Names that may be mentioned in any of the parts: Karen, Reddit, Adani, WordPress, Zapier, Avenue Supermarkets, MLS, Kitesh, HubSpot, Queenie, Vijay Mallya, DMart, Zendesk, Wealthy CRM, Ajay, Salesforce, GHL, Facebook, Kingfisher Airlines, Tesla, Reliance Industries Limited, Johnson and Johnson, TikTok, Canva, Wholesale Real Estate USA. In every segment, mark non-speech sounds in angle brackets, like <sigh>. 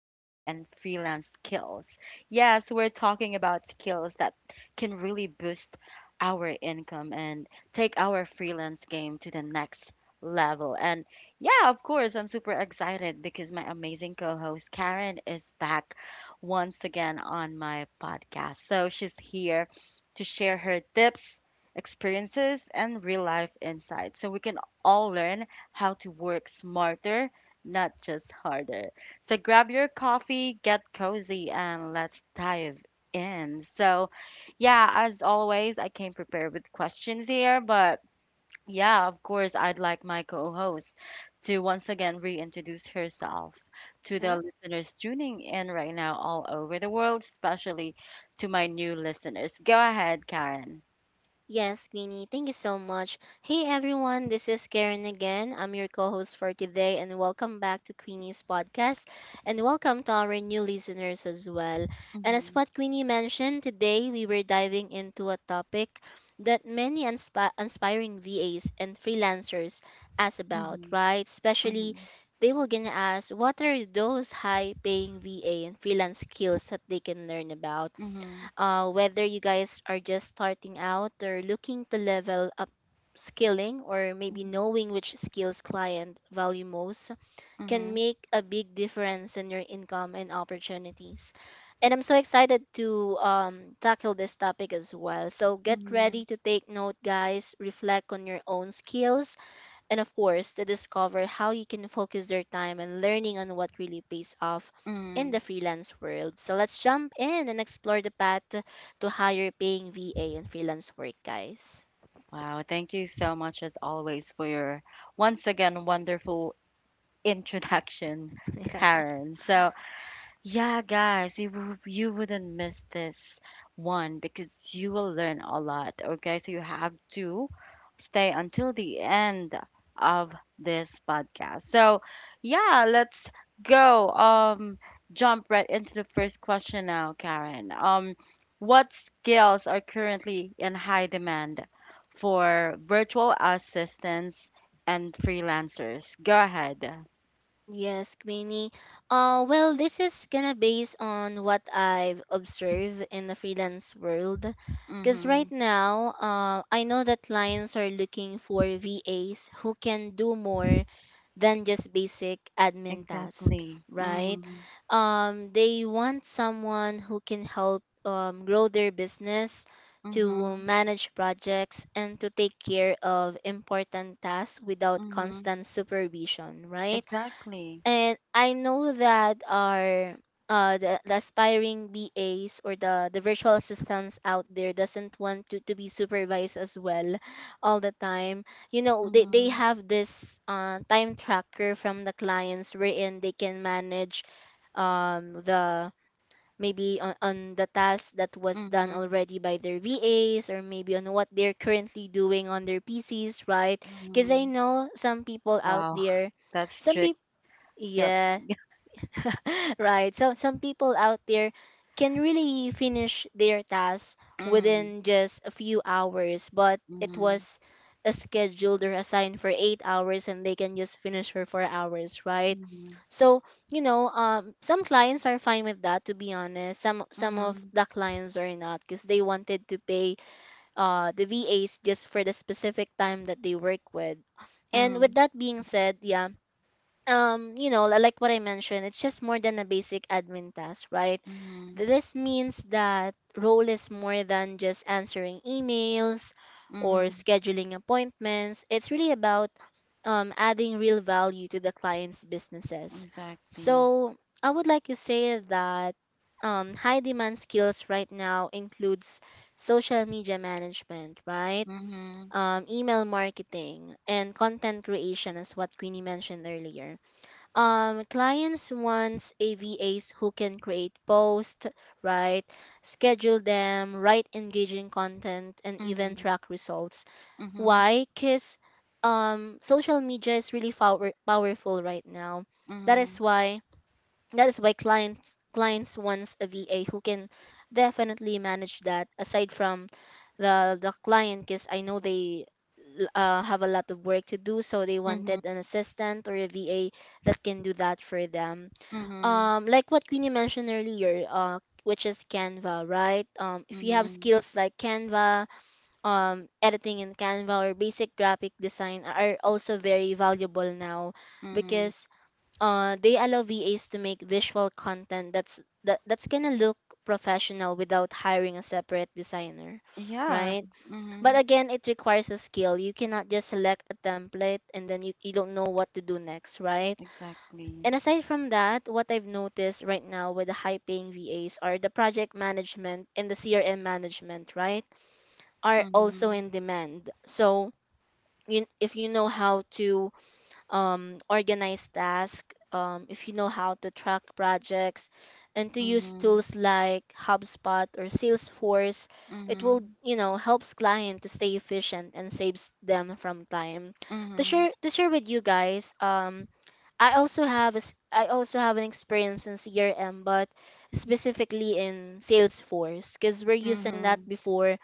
VA and freelance skills. Yes, we're talking about skills that can really boost our income and take our freelance game to the next level. And yeah, of course, I'm super excited because my amazing co host Karen is back once again on my podcast. So she's here to share her tips experiences, and real life insights so we can all learn how to work smarter, not just harder. So grab your coffee, get cozy, and let's dive in. So, yeah, as always, I came prepared with questions here, but yeah, of course, I'd like my co host to once again reintroduce herself to the listeners Yes. tuning in right now all over the world, especially to my new listeners. Go ahead, Karen. Yes, Queenie. Thank you so much. Hey everyone, this is Karen again. I'm your co-host for today and welcome back to Queenie's podcast and welcome to our new listeners as well. And as what Queenie mentioned, today we were diving into a topic that many inspiring VAs and freelancers ask about, Mhm, right? Especially mhm, they will gonna ask what are those high paying VA and freelance skills that they can learn about, mhm, whether you guys are just starting out or looking to level up skilling, or maybe mhm, knowing which skills client value most, can mhm, make a big difference in your income and opportunities. And I'm so excited to tackle this topic as well. So get ready mhm, to take note guys, reflect on your own skills and of course to discover how you can focus your time and learning on what really pays off in the mhm. freelance world. So let's jump in and explore the path to higher paying VA and freelance work, guys. Wow, thank you so much as always for your once again wonderful <laughs> introduction, <laughs> Yeah. Karen. So yeah, guys, you wouldn't miss this one because you will learn a lot. Okay, so you have to stay until the end of this podcast. So, yeah, let's go. Jump right into the first question now, Karen. What skills are currently in high demand for virtual assistants and freelancers? Go ahead. Yes, Queenie. Well, this is gonna based on what I've observed in the freelance world. Because Mm-hmm. right now, I know that clients are looking for VAs who can do more than just basic admin task, Exactly. right? Mm-hmm. They want someone who can help grow their business, to Mhm, manage projects, and to take care of important tasks without mhm. constant supervision, right? Exactly. And I know that our the aspiring BAs, or the virtual assistants out there, doesn't want to be supervised as well all the time. You know, they Mhm, have this time tracker from the clients wherein they can manage the maybe on the task that was done mhm, already by their VAs, or maybe on what they're currently doing on their PCs, right? Because I mhm. know some people out Wow, there, <laughs> that's some strict. people, Yep. <laughs> <laughs> right. So some people out there can really finish their task Mhm, within just a few hours, but it mhm, was a scheduled or assigned for 8 hours and they can just finish for 4 hours, right? So, you know, some clients are fine with that, to be honest. Some of mhm, the clients are not because they wanted to pay the VAs just for the specific time that they work with. mhm, And mhm, with that being said, yeah, you know, like what I mentioned, it's just more than a basic admin task, right? mhm, This means that role is more than just answering emails or mhm. <laughs> scheduling appointments. It's really about adding real value to the client's businesses. Exactly. So I would like to say that high demand skills right now includes social media management, right? Mhm, Email marketing and content creation is what Queenie mentioned earlier. Clients wants AVAs who can create posts, right, schedule them, write engaging content, and even mhm, track results. mhm, Why? Because social media is really powerful right now. That is mhm, why that is why clients wants a VA who can definitely manage that aside from the client, because I know they have a lot of work to do, so they mhm, wanted an assistant or a VA that can do that for them. mhm, Like what Queenie mentioned earlier, which is Canva, right? If you have mhm, skills like Canva, editing in Canva or basic graphic design are also very valuable now, mhm. because they allow VAs to make visual content that's gonna look professional without hiring a separate designer, Yeah. right? But Mhm. again, it requires a skill. You cannot just select a template and then you don't know what to do next, right? And Exactly. aside from that, what I've noticed right now with the high paying VAs are the project management and the CRM management, right? Are also in Mhm, demand. So if you know how to organize tasks, if you know how to track projects, and to use mhm, tools like HubSpot or Salesforce, it will, mhm, you know, helps client to stay efficient and saves them from time. mhm, To share mhm, to share with you guys, I also have a s I also have an experience in CRM, but specifically in Salesforce, because we're using that before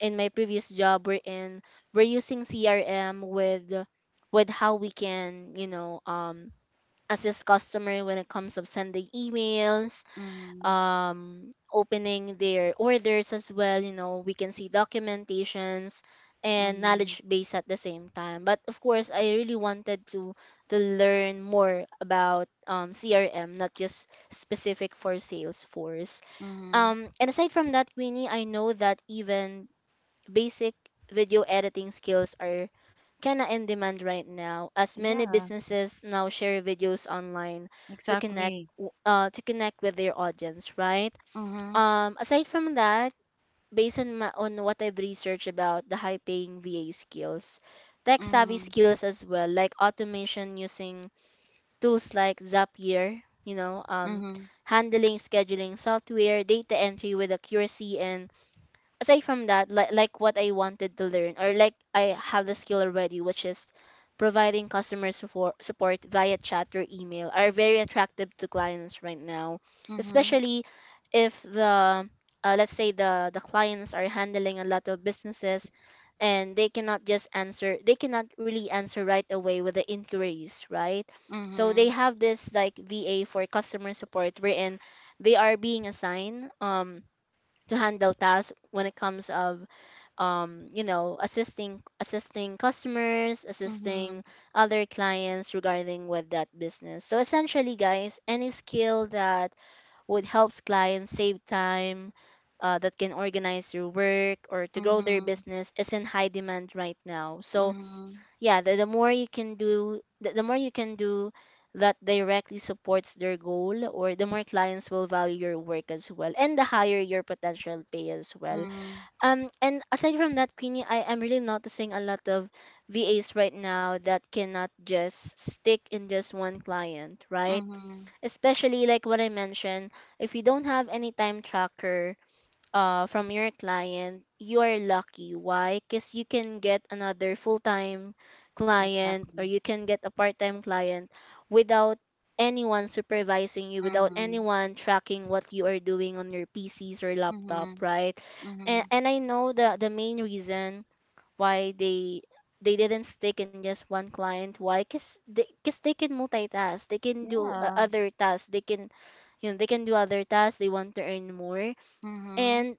in my previous job. We're using CRM with how we can, you know, assist customer when it comes of sending emails, mhm, opening their orders as well. You know, we can see documentations and knowledge mhm, base at the same time. But of course I really wanted to learn more about CRM, not just specific for Salesforce. mhm. And aside from that, Winnie, I know that even basic video editing skills are kinda in demand right now, as many Yeah, businesses now share videos online to connect exactly. to connect with their audience, right? Mhm. Aside from that, based on on what I've researched about the high-paying VA skills, tech-savvy Mhm. skills as well, like automation using tools like Zapier. You know, Mhm. handling scheduling software, data entry with accuracy, and aside from that, like what I wanted to learn, or like I have the skill already, which is providing customer support via chat or email, are very attractive to clients right now, Mhm. especially if the, let's say the clients are handling a lot of businesses and they cannot really answer right away with the inquiries, right? So they Mhm. have this like VA for customer support wherein they are being assigned to handle tasks when it comes of you know, assisting customers, assisting Mhm. other clients regarding with that business. So essentially guys, any skill that would helps clients save time, that can organize your work or to grow their Mhm. business, is in high demand right now. So Mhm. yeah, the more you can do that directly supports their goal, or the more clients will value your work as well, and the higher your potential pay as well. Mhm. And aside from that Queenie, I am really noticing a lot of VAs right now that cannot just stick in just one client, right? Mhm. Especially like what I mentioned, if you don't have any time tracker from your client, you are lucky. Why? Because you can get another full time client, or Exactly. you can get a part time client, without anyone supervising you, without Mhm. anyone tracking what you are doing on your PCs or laptop, Mhm. right? And, Mhm. and I know the main reason why they didn't stick in just one client. Why? Because they, cause they can multitask, they can do Yeah. other tasks. They can, you know, they can do other tasks, they want to earn more. Mhm. And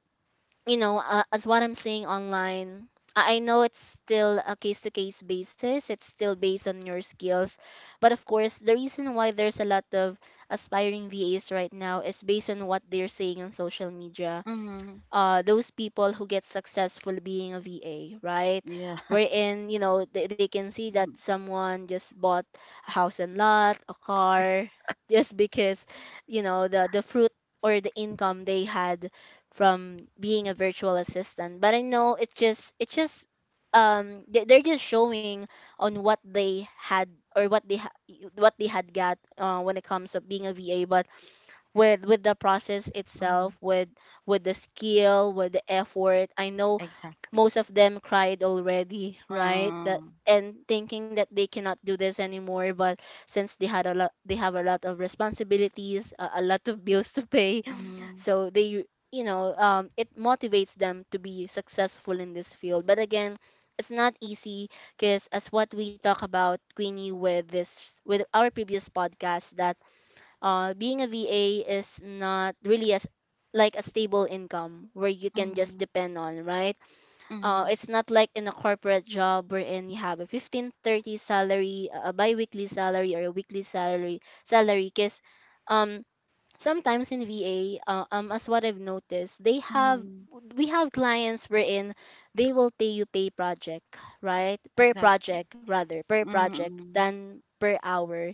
you know, as what I'm seeing online, I know it's still a case to case basis. It's still based on your skills. But of course, the reason why there's a lot of aspiring VAs right now is based on what they're saying on social media, Mhm. Those people who get successful being a VA, right? Yeah. Wherein, you know, they can see <laughs> that Mhm. someone just bought a house and lot, a car, <laughs> just because, you know, the fruit or the income they had from being a virtual assistant. But I know they're just showing on what they had, or what they ha- what they had got when it comes to being a VA. But with the process Mhm. itself, with the skill, with the effort, I know Exactly. most of them cried already, right? that Mm. And thinking that they cannot do this anymore. But since they have a lot of responsibilities, a lot of <laughs> bills to pay <laughs> Mhm. so they, you know, it motivates them to be successful in this field. But again, it's not easy, because as what we talk about Queenie with this, with our previous podcast, that being a VA is not really as like a stable income where you can just Mhm. depend on, right? Mhm. It's not like in a corporate job wherein you have a 15/30 salary, a biweekly salary, or a weekly salary, because um, sometimes in VA, as what I've noticed, they have Mhm. we have clients wherein they will pay project, right? Per Exactly. project rather, per project Mhm. than per hour.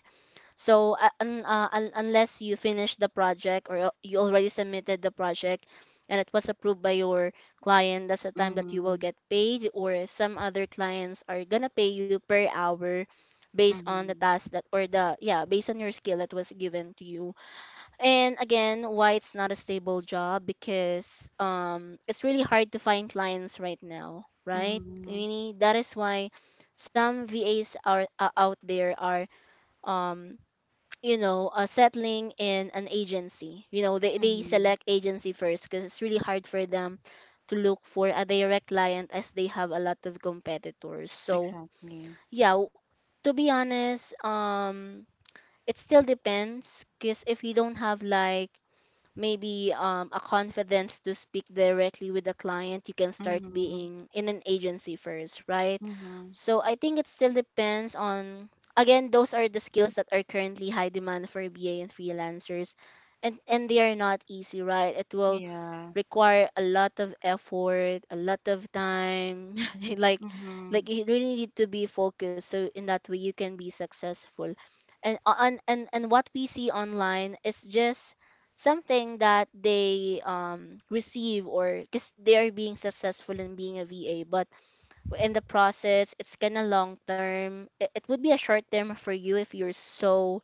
So unless you finish the project or you already submitted the project and it was approved by your client, that's the time that you will Mhm. get paid. Or some other clients are gonna pay you per hour based on the Mhm. task that or the based on your skill that was given to you. And again, why it's not a stable job, because it's really hard to find clients right now, right? Mhm. Really, that is why some VAs are out there are um settling in an agency. You know, they Mhm. select agency first because it's really hard for them to look for a direct client, as they have a lot of competitors. So, Exactly. yeah, to be honest, it still depends, because if you don't have like maybe a confidence to speak directly with a client, you can start Mhm. being in an agency first, right? Mhm. So I think it still depends on, again, those are the skills that are currently high demand for BA and freelancers. And they are not easy, right? It will Yeah. require a lot of effort, a lot of time. <laughs> like like Mhm. you really need to be focused, so in that way you can be successful. And on and and what we see online is just something that they receive or because they are being successful in being a VA. But in the process, it's kind of long term. It would be a short term for you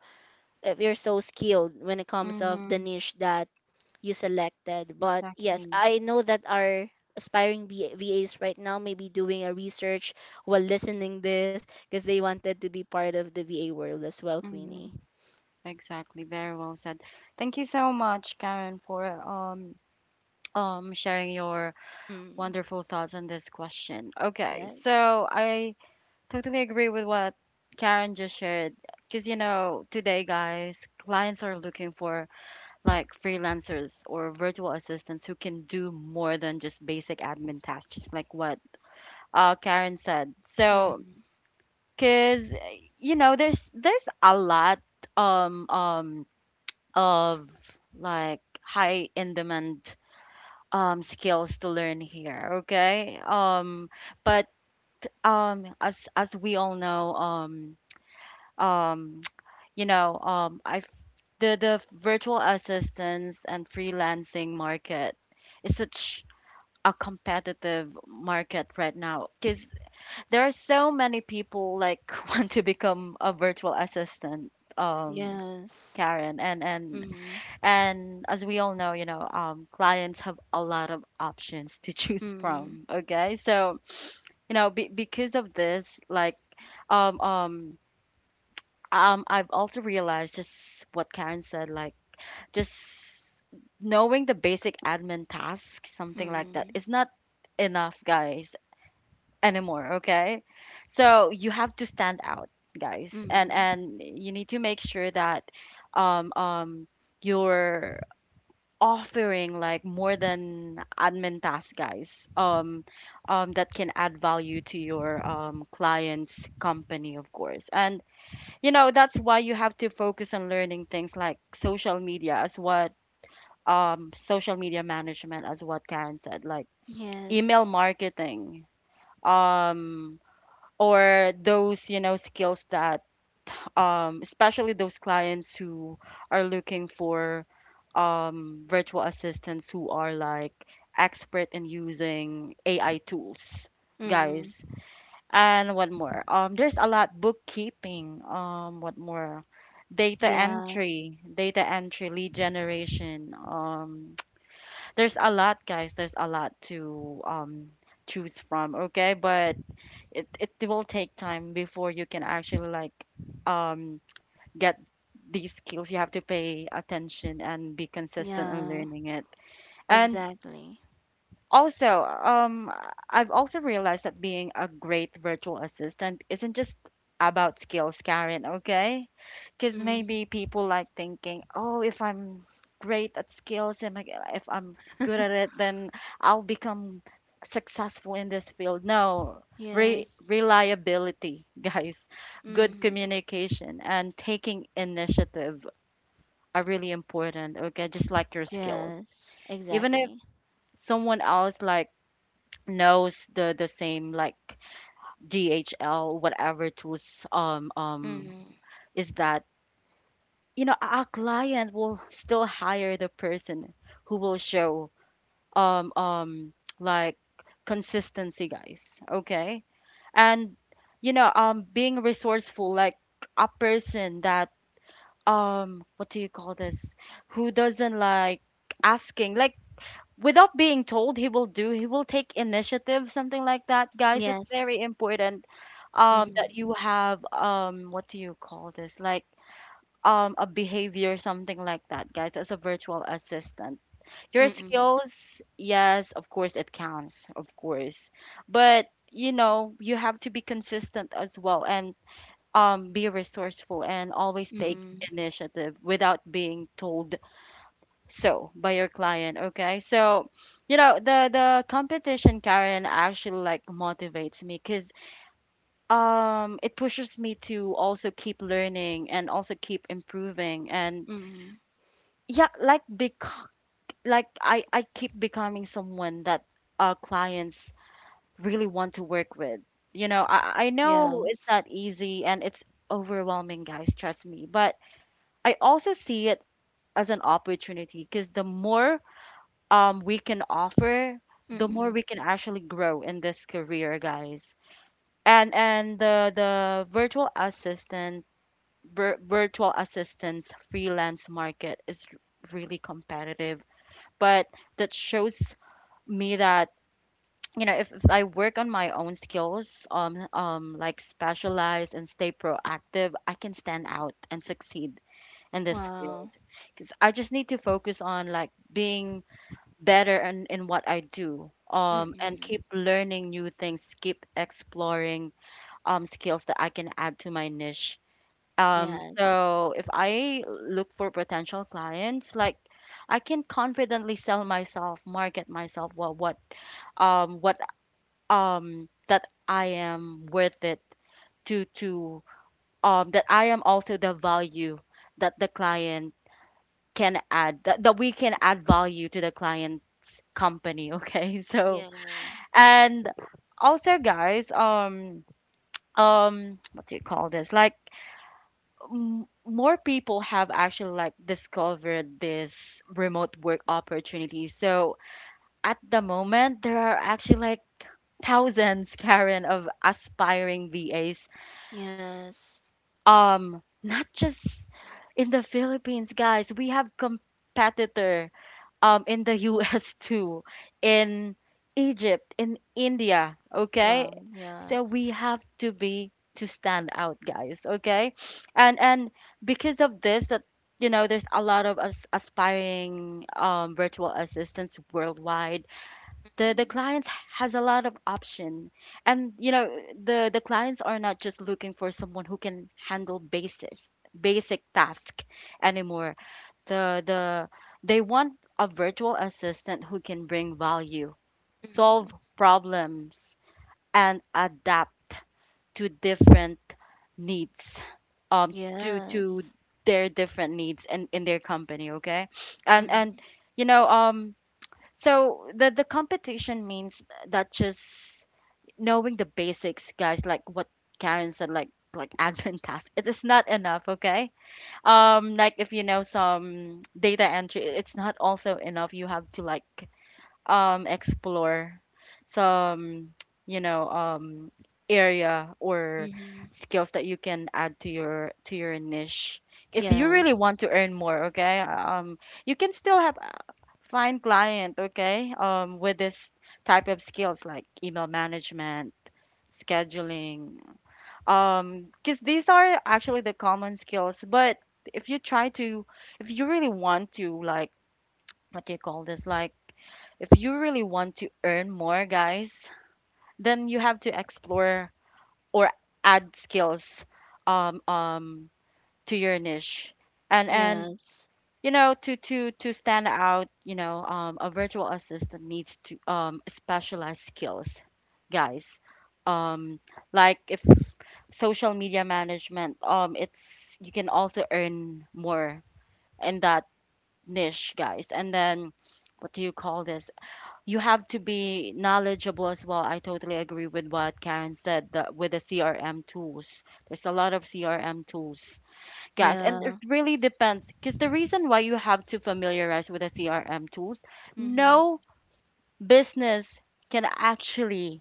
if you're so skilled when it comes of the Mhm. niche that you selected. But yes, Exactly. I know that our aspiring VAs right now may be doing a research while listening this, because they wanted to be part of the VA world as well, Queenie. Mhm. Exactly. Very well said. Thank you so much, Karen, for sharing your Mm, wonderful thoughts on this question. Okay, yes. so I totally agree with what Karen just shared. Because you know, today, guys, clients are looking for like freelancers or virtual assistants who can do more than just basic admin tasks, just like what Karen said. So Mm, because you know there's a lot um um of like high in demand skills to learn here, okay, but as we all know, um <tsk> you know I've the virtual assistants and freelancing market is such a competitive market right now because there are so many people like <laughs> want to become a virtual assistant, um yes. Karen, Mm, and as we all know, you know, clients have a lot of options to <laughs> choose mm, from, okay. So you know because of this, like um um I've also realized just what Karen said, like just knowing the basic admin tasks something like that mm, is not enough, guys, anymore, okay. So you have to stand out, guys, and mm, and you need to make sure that um um you're offering like more than admin tasks, guys, that can add value to your client's company of course. And you know that's why you have to focus on learning things like social media as what social media management as what Karen said, like yes. email marketing, um or those you know skills that especially those clients who are looking for virtual assistants who are like expert in using AI tools, Mm, guys. And what more? There's a lot bookkeeping. What more? Yeah, Data entry, lead generation. <tsk> There's a lot, guys. There's a lot to choose from. Okay, but it will take time before you can actually like um get these skills. You have to pay attention and be consistent in yeah, learning it. And exactly. also, I've also realized that being a great virtual assistant isn't just about skills, Karen, okay? Because Mm, maybe people like thinking, oh, if I'm great at skills, if I'm good at it, then I'll become successful in this field. No, yes. reliability, <laughs> guys, good Mm, communication, and taking initiative are really important, okay? Just like your skills. yes, Even if exactly. someone else, like, knows the same like DHL whatever tools, Mm, is that you know our client will still hire the person who will show um um like consistency, guys, okay. And you know being resourceful, like a person that what do you call this, who doesn't like asking, like without being told he will do, he will take initiative, something like that, guys. It's yes. very important that Mm. you have what do you call this, like a behavior something like that, guys. As a virtual assistant, your Mm. skills, yes, of course it counts, of course. But you know you have to be consistent as well, and be resourceful and always take Mm, initiative without being told so by your client, okay. So you know the competition, Karen, actually like motivates me because it pushes me to also keep learning and also keep improving. And mm. yeah, like bec- like I keep becoming someone that our clients really want to work with. You know, I know it's Yes. not easy and it's overwhelming, guys, trust me, but I also see it as an opportunity because the more we can offer, the more Mm. we can actually grow in this career, guys. And the virtual assistant virtual assistants freelance market is really competitive, but that shows me that you know if I work on my own skills, like specialize and stay proactive, I can stand out and succeed in this Wow. field because I just need to focus on like being better in what I do, and Mm. keep learning new things, keep exploring skills that I can add to my niche. Yes. So if I look for potential clients, like I can confidently sell myself, market myself, what that I am worth it, to that I am also the value that the client can add, that we can add value to the client's company. <laughs> Okay. So Yeah. and also, guys, what do you call this? Like, more people have actually like discovered this remote work opportunity. So at the moment, there are actually like thousands, <laughs> Karen, of aspiring VAs. Yes. Not just in the Philippines, guys. We have competitor in the <laughs> US too, in Egypt, in India, okay? Wow. Yeah. So we have to be to stand out, guys, okay? And because of this that you know there's a lot of us aspiring virtual assistants worldwide, the Mm. clients has a lot of option. And you know the clients are not just looking for someone who can handle basis basic task anymore. The they want a virtual assistant who can bring value, solve Mm. problems, and adapt to different needs, um, to Yes. their different needs in their company, okay? And Mm. and you know, so the competition means that just knowing the basics, guys, like what Karen said, like admin <laughs> tasks, it is not enough, okay? Like if you know some data entry, it's not also enough. You have to like explore some, you know, area or Mhm. skills that you can add to your niche. If you Yes. really want to earn more, okay? You can still have find fine client, okay? With this type of skills like email management, scheduling, because these are actually the common skills. But if you try to, if you really want to, like, what do you call this, like if you really want to earn more, guys, then you have to explore or add skills um um to your niche. And Yes. you know, to stand out, you know, a virtual assistant needs to, specialized skills, guys. um like if social media management, it's, you can also earn more in that niche, guys. And then, what do you call this, you have to be knowledgeable as well. I totally agree with what Karen said, that with the CRM tools, there's a lot of CRM tools, guys, and it Yeah. really depends, because the reason why you have to familiarize with the CRM tools, Mhm. no business can actually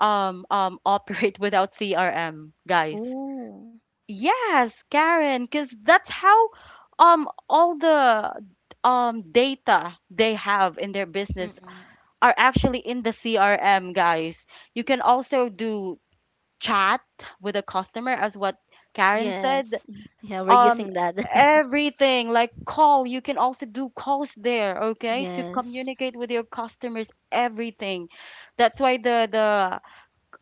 <laughs> operate without CRM, guys. Ooh. Yes, Karen, because that's how all the data they have in their business Mm. are actually in the CRM, guys. You can also do chat with a customer, as what Karen said. Yes. Yeah, we're um using that. <laughs> Everything, like call, you can also do calls there, okay, to Yes. communicate with your customers, everything. That's why the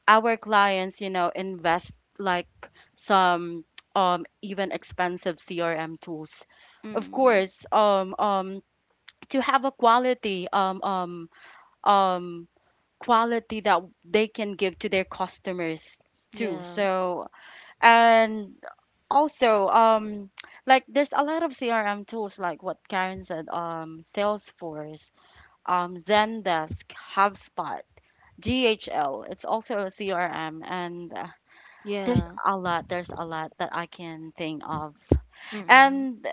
our clients, you know, invest like some even expensive CRM tools, of Mm. course, to have a quality um quality that they can give to their customers too. Yeah. So and also, like there's a lot of CRM tools, like what Karen said, Salesforce, Zendesk, HubSpot, GHL, it's also a CRM. And there's Yeah. a lot, there's a lot that I can think of. Mm. And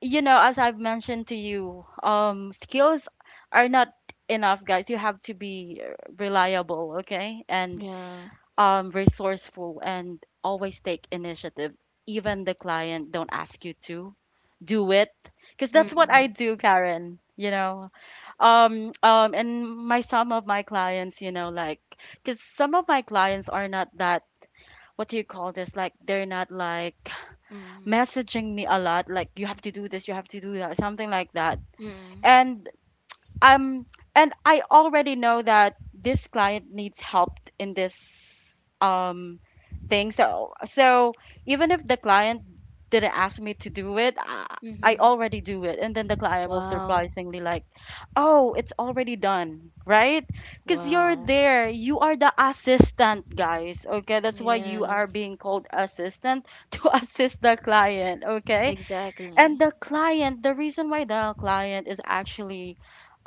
you know, as I've mentioned to you, skills are not enough, guys. You have to be reliable, okay, and Yeah. Resourceful, and always take initiative even the client don't ask you to do it, because that's what I Mm. do, Karen, you know. And my, some of my clients, you know, like because some of my clients are not that, what do you call this, like they're not like Mm. messaging me a lot, like you have to do this, you have to do that, something like that. Mm. And um and I already know that this client needs help in this thing. So even if the client didn't ask me to do it, I Mhm. already do it, and then the client will Wow. surprisingly like, oh, it's already done, right? Because you're Wow. there, you are the assistant, guys. Okay, that's why you Yes. are being called assistant <laughs> to assist the client, okay. Exactly. And the client, the reason why the client is actually,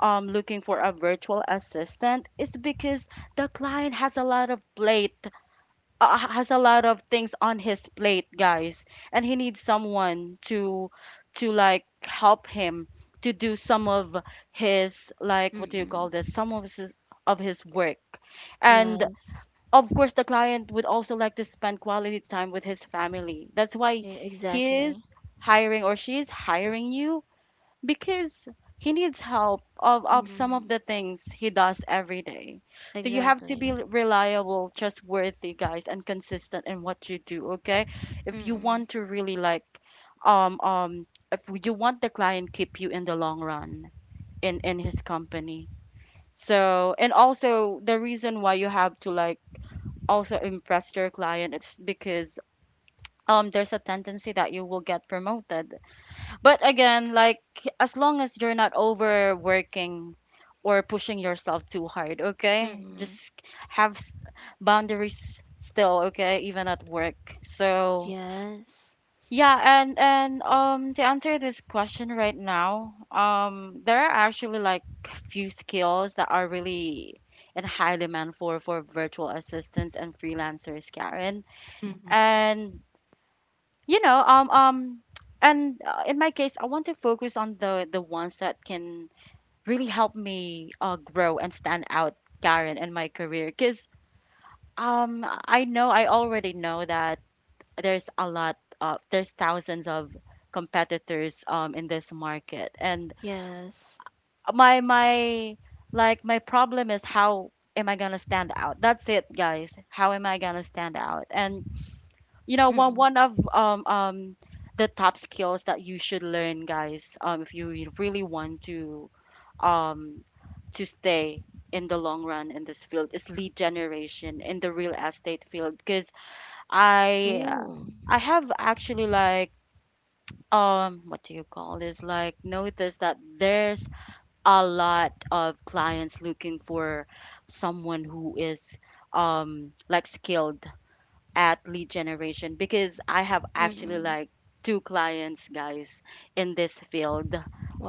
looking for a virtual assistant is because the client has a lot of plate, has a lot of things on his plate, guys, and he needs someone to like help him to do some of his, like, what do you call Mm-mm. this? Some of his, of his work. And Yes. of course the client would also like to spend quality time with his family, that's why he is Exactly. hiring, or she is hiring you, because he needs help of some of Mm-mm. the things he does every day. So you have to be Exactly. reliable, trustworthy, guys, and consistent in what you do, okay, if you Mm-mm. want to really like, if you want the client keep you in the long run in his company. So and also, the reason why you have to like also impress your client, it's because there's a tendency that you will get promoted, but again, like, as long as you're not overworking or pushing yourself too hard, okay, Mm-mm. just have boundaries still, okay, even at work. So Yes. yeah, and to answer this question right now, there are actually like few skills that are really in high demand for virtual assistants and freelancers, Karen. Mm-mm. And you know, and in my case, I want to focus on the ones that can really help me grow and stand out, Karen, in my career, because I know, I already know that there's thousands of competitors in this market. And Yes. my, like my problem is, how am I gonna stand out? That's it, guys. How am I gonna stand out? And you know, one Mm-mm. one of the top skills that you should learn, guys, if you really want to, um to stay in the long run in this field, is lead generation in the real estate field. Because i uh, Ooh. I have actually like, what do you call this, like noticed that there's a lot of clients looking for someone who is like skilled at lead generation, because I have actually Mm-mm. like two clients, guys, in this field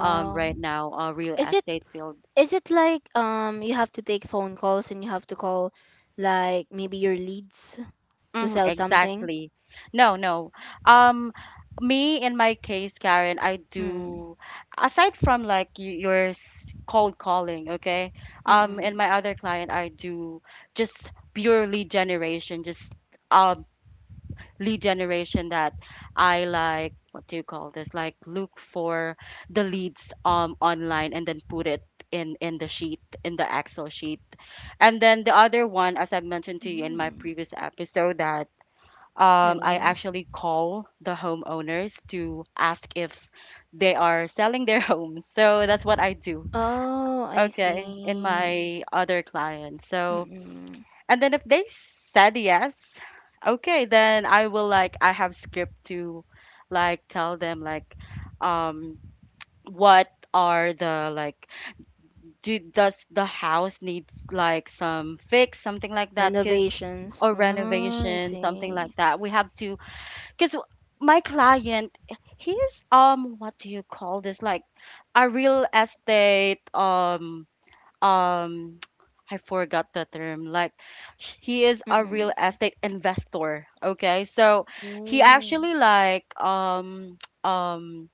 right now, real Is it estate field. is it like you have to take phone calls and you have to call like maybe your leads to Mhm, sell something? exactly. No, no. Um, me, in my case, Karen, I Mm-mm. do, aside from like your cold calling, okay? In Mm-mm. my other client, I do just purely generation, just um lead generation, that I, like what do you call this, like look for the leads online and then put it in the sheet, in the Excel sheet. And then the other one, as I have mentioned to you in my Mm. previous episode, that I Yeah. actually call the homeowners to ask if they are selling their <laughs> homes. So that's what I do, Oh, I okay, in see. my other clients. So Mm-mm. and then if they said yes, okay, then I will like, I have script to like tell them like, um what are the, like, do, does the house needs like some fix, something like that, cause Renovations. or Ah, I renovation, something like see. that. We have to, because my client, he's what do you call this, like a real estate um <tsk> I forgot the term, like he is a real Mm-mm. estate investor, okay? So he Oh. actually like <tsk> um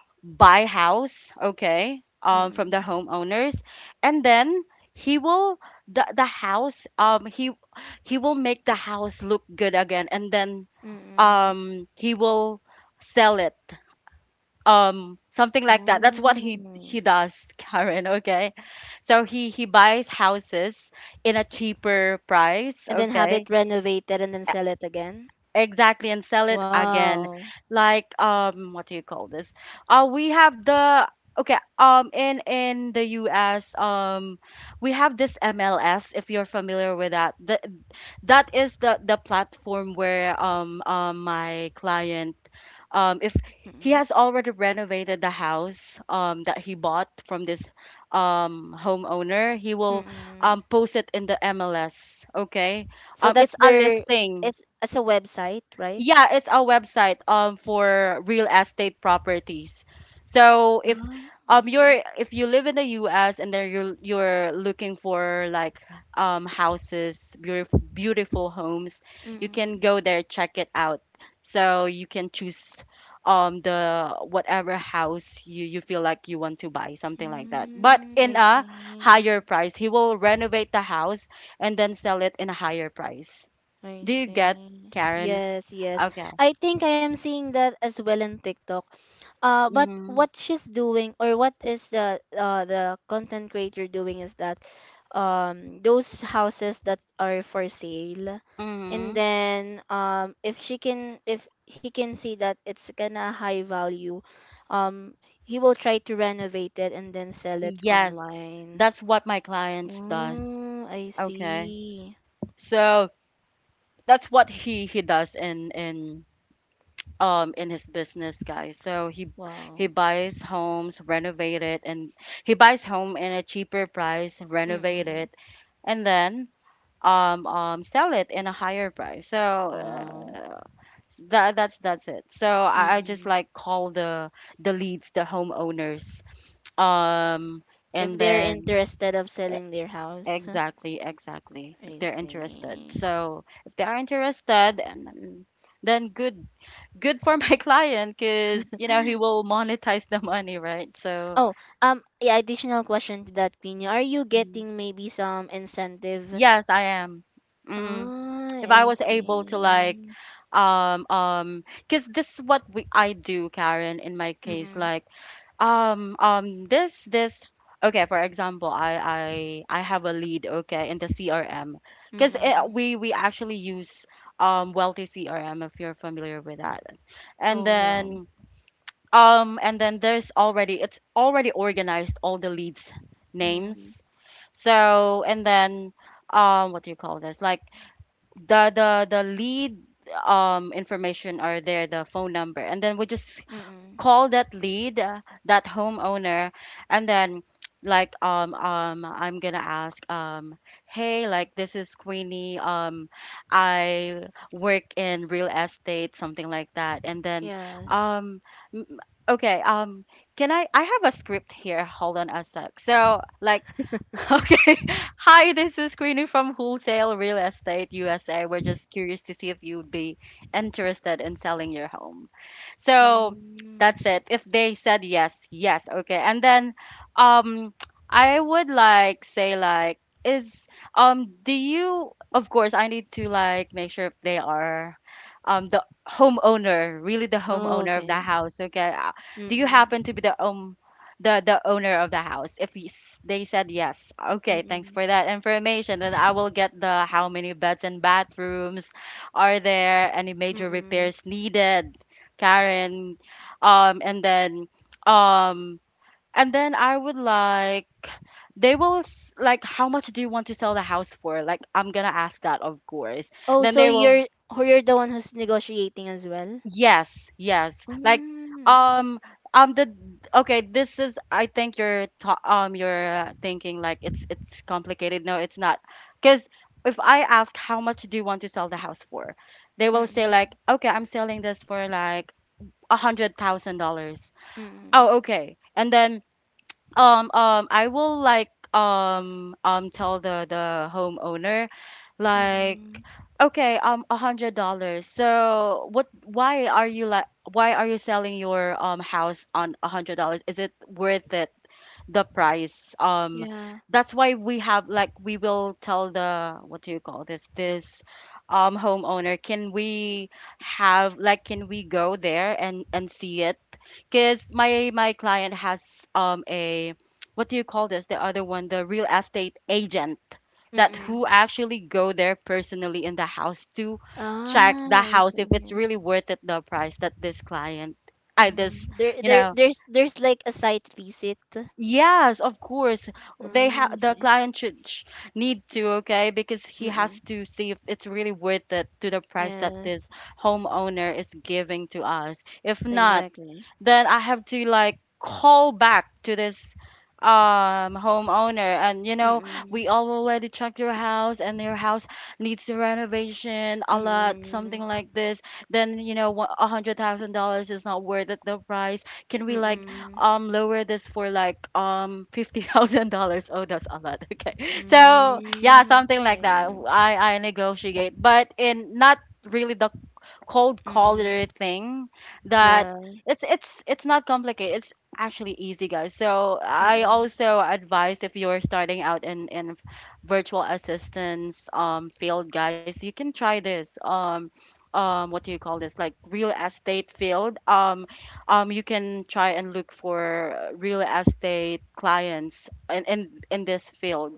<tsk> buy house, okay, from the Mm-mm. homeowners. And then he will, the house he will make the house look good again, and then Mm-mm. He will sell it, something like that. That's what he Oh. he does <laughs> Karen, okay? So he buys houses in a cheaper price, And then have it okay. renovated and then sell it again. Exactly, and sell it again. Wow. Like, what do you call this? We have the, okay, um in the U.S., we have this MLS, if you're familiar with that. The, that is the platform where my client, if he Mm-mm. has already renovated the house that he bought from this homeowner, he will Mm-mm. Post it in the MLS. Okay, So that's it's a their, listing. it's as a website, right? Yeah, it's a website for real estate properties. So if Ah, I see. you're, if you live in the US, and then you're looking for like houses, beautiful, beautiful homes, you can Mm-mm. go there, check it out. So you can choose the whatever house you, you feel like you want to buy, something like that. But Mm, I in a see. higher price. He will renovate the house and then sell it in a higher price. I Do you get, see. Karen? Yes, yes. Okay. I think I am seeing that as well in TikTok. But Mm-hmm. what she's doing or what is the content creator doing is that those houses that are for sale and Mm-hmm. then if she can if he can see that it's gonna high value um he will try to renovate it and then sell it Yes, online. that's what my clients does. Mm, I Okay. see. So that's what he does in, in his business, guys. So he Wow. buys homes, renovate it, and he buys home in a cheaper price, renovate it, Mm-mm. and then sell it in a higher price. So Wow. That's that's it. So I just Mm-mm. like call the leads, the homeowners. Um If and they're then, interested of selling their house. exactly, exactly. If I they're interested. see. So if they are interested, and then good, good for my <laughs> client, because you know he will monetize the money, right? So Oh, yeah, additional question to that, Pino. Are you mm, getting maybe some incentive? yes, I am. Mm-hmm. Ah, If I I was able to like see. Because this is what we, I do, Karen, in my case, Mm-mm. like this, this, okay, for example, I, I have a lead, okay, in the CRM, because Mm-mm. we actually use wealthy CRM, if you're familiar with that. And Oh, no. then and then there's already, it's already organized, all the leads Mm-mm. names. So and then what do you call this, like the lead information are there, the phone number, and then we just Mm-mm. call that lead, that homeowner. And then like I'm gonna ask, hey, like this is Queenie, I work in real estate, something like that. And then Yes. um m- okay, can I have a script here, hold on a sec, so like, okay. <laughs> Hi, this is Queenie from Wholesale Real Estate USA. We're just curious to see if you'd be interested in selling your home. So Mm. that's it. If they said yes, yes, okay. And then um I would like say, like, is do you, of course I need to like make sure if they are the homeowner, really the Oh, homeowner of okay. the house, okay? Do you Mm-mm. happen to be the, the owner of the house, if he's, they said yes, okay, thanks Mm-mm. for that information. Then I will get the, how many beds and bathrooms, are there any major Mm-mm. repairs needed, Karen. And then um and then I would like, they will like, how much do you want to sell the house for, like I'm gonna ask that of course. Oh, Then so they will, you're the one who's negotiating as well? yes, yes. Like Mm. um the, okay, this is, I think you're ta you're thinking like it's complicated. No, it's not. 'Cause if I ask, how much do you want to sell the house for, they will say Mm-mm. like, "Okay, I'm selling this for like a $100,000." Mm-mm. Oh, okay. And then I will like tell the homeowner like, Mm, okay, $100, so what, why are you like, why are you selling your house on $100, is it worth it, the price? Yeah. That's why we have like, we will tell the, what do you call this, this homeowner, can we have like, can we go there and see it? Because my client has a, what do you call this? The other one, the real estate agent that who Mm-mm. actually go there personally in the house to check the Ah, I house if it's see. really worth it, the price that this client I this, Mm. There, you there, know there's, there's like a site visit. yes, of course they Oh, have. I The see. client need to, okay, because he has Mm-mm. to see if it's really worth it to the price that Yeah, this homeowner is giving to us. If not, exactly. then I have to like call back to this homeowner, and we Mm-mm. all already checked your house and your house needs the renovation a lot, something Mm-mm. like this. Then $100,000 is not worth it the price. Can we like Mm-mm. Lower this for like <laughs> $50,000? Oh, that's a lot. <laughs> Okay, so yeah, Mm. something like that. Yeah. I negotiate, but in not really the cold Mm-mm. caller thing that. Yeah. It's not complicated, it's actually easy, guys. So I Mm-mm. also advise, if you're starting out in virtual assistance field, guys, you can try this what do you call this, like real estate field. Um, you can try and look for real estate clients in this field,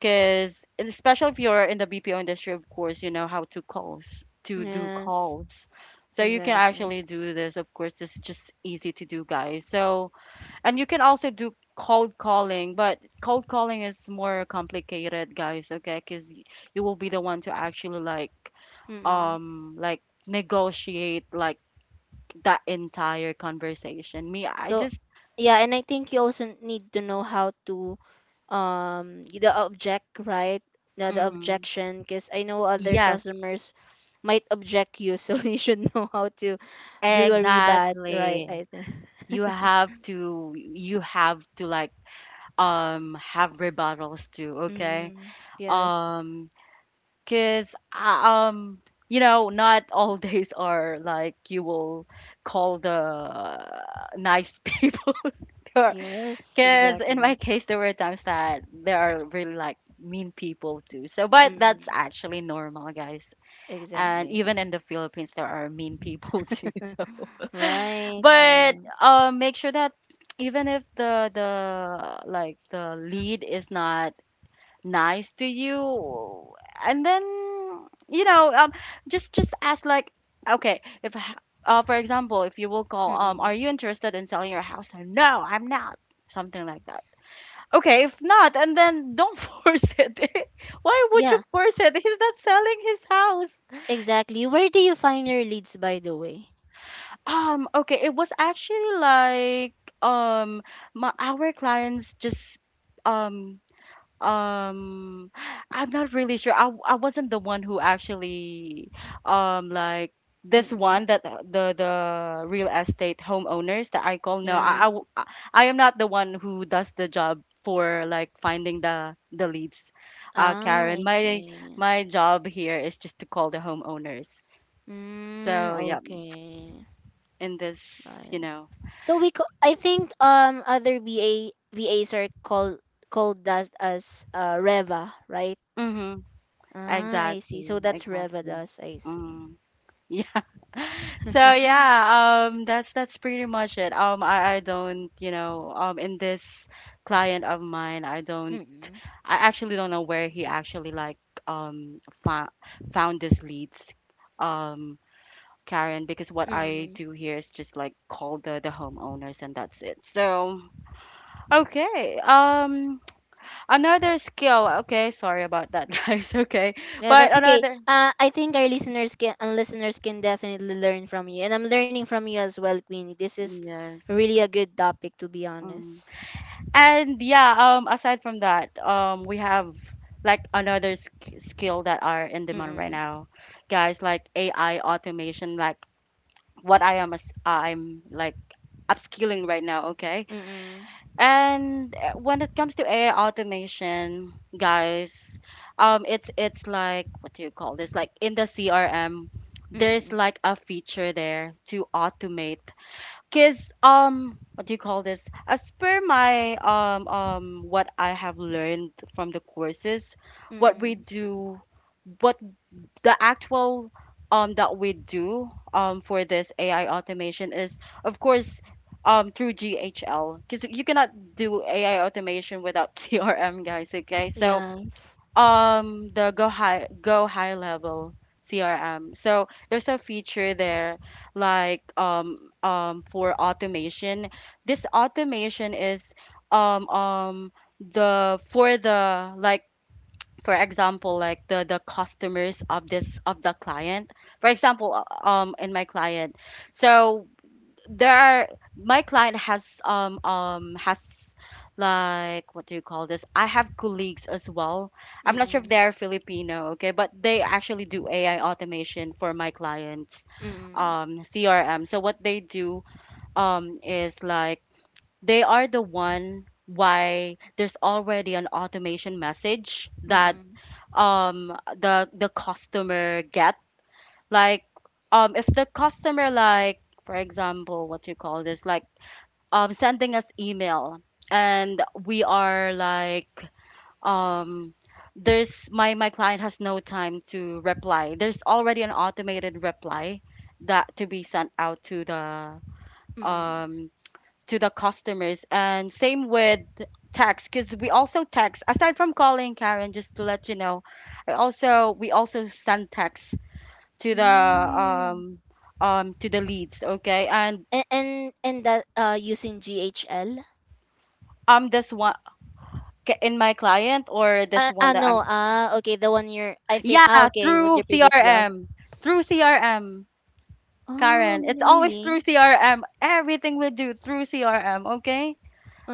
because especially if you're in the BPO industry, of course, you know how to calls to do Yes, calls. So you can exactly. actually do this. Of course, it's just easy to do, guys. So, and you can also do cold calling, but cold calling is more complicated, guys. Okay, because you will be the one to actually Mm-mm. Like negotiate like that entire conversation. Me, I So just. yeah, and I think you also need to know how to the object, right? The Mhm. objection, because I know other Yes, customers might object you, so <laughs> you should know how to do a bad, exactly. right? you <laughs> have to you have to like have rebuttals too, okay. mm, yes. Um because um not all <laughs> days are like you will call the nice <laughs> people. There, Yes, because in my exactly. case there were times that there are really like mean people too, so. But that's Mm, actually normal, guys, and exactly. even in the Philippines there are mean people <laughs> too, so. <laughs> Right. But Yeah. Make sure that even if the like the lead is not nice to you, and then you know um just ask like, okay, if h- for example, if you will call Mm-mm. are you interested in selling your house? No, I'm not. Something like that. Okay, if not, and then don't <laughs> force it. <laughs> Why would you Yeah, force it? He's not selling his house. exactly. Where do you find your leads, by the way? Okay, it was actually like um my our clients just um um I'm not really sure. I wasn't the one who actually um like this Mm-mm. one that the real estate homeowners that I call, no, Yeah. I am not the one who does the job for like finding the leads. Ah, Karen, I my see. my job here is just to call the homeowners. So Mm, yeah, okay. in Got this, it. you know. So I think other VA VAs are called that as Reva, right? Mhm. Ah, I see. So Exactly. that's Reva Exactly. does. I see. Mm. Yeah. <laughs> So yeah, that's pretty much it. I don't, in this client of mine, I don't, Mm-mm. I actually don't know where he actually like um fa- found these leads. Um Karen, because what I Mm-mm. do here is just like call the homeowners, and that's it. So, okay. Um, another skill. Okay, sorry about that, <laughs> guys. Okay. Yeah, But that's okay. another, I think our listeners can and listeners can definitely learn from you, and I'm learning from you as well, Queenie. This is yes. really a good topic, to be Mm. honest. And yeah, aside from that, we have like another sk skill that are in demand right Mm-mm. now, guys, like AI automation, like what I am, as I'm like upskilling right now, okay? Mm-mm. And when it comes to AI automation, guys, it's like, what do you call this? Like in the CRM, there's Mm-mm. like a feature there to automate. Cause what do you call this? As per my what I have learned from the courses, what we Mm-mm. do, what the actual that we do for this AI automation is, of course, through GHL. Cause you cannot do AI automation without <laughs> CRM, guys. Okay, so Yes. The go high level CRM. So there's a feature there like for automation. This automation is um um the for the like, for example, like the customers of this, of the client. For example, in my client, so there are my client has like, what do you call this? I have colleagues as well. I'm not sure if Mm-mm. they're Filipino, okay, but they actually do AI automation for my clients Mm-mm. CRM. So what they do is like, they are the one why there's already an automation message that Mm-mm. The customer get like if the customer like, for example, what do you call this, like sending us email, and we are like um there's my my client has no time to reply, there's already an automated reply that to be sent out Mm. um to the customers, and same with text, because we also text aside from calling, Karen, just to let you know, I also we also send text to the Mm. um to the leads, okay? And And that using GHL? This one, in my client, or this Ah, one ah that no, I'm, ah okay, the one year I think yeah, ah okay with through your previous job. CRM, through CRM, Oh Karen. It's always really? through CRM, everything we do through CRM, okay?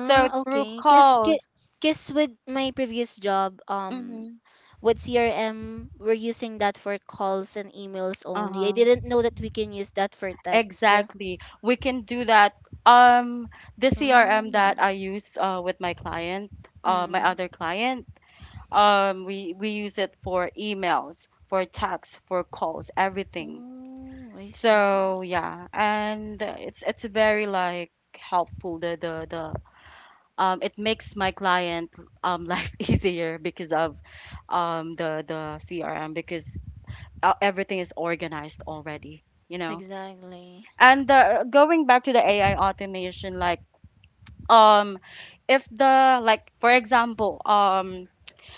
So through okay, calls. cause with my previous job Mm-hmm. with CRM we're using that for calls and emails only. I Uh-huh. didn't know that we can use that for text. Exactly, we can do that. Um, the CRM Oh, that I use, with my client, my mm. other client, we use it for emails, for texts, for calls, everything. Oh, I see. So yeah, and it's very like helpful, the it makes my client <laughs> life easier because of the CRM, because everything is organized already, you know. Exactly. And going back to the AI automation, like um if the like, for example,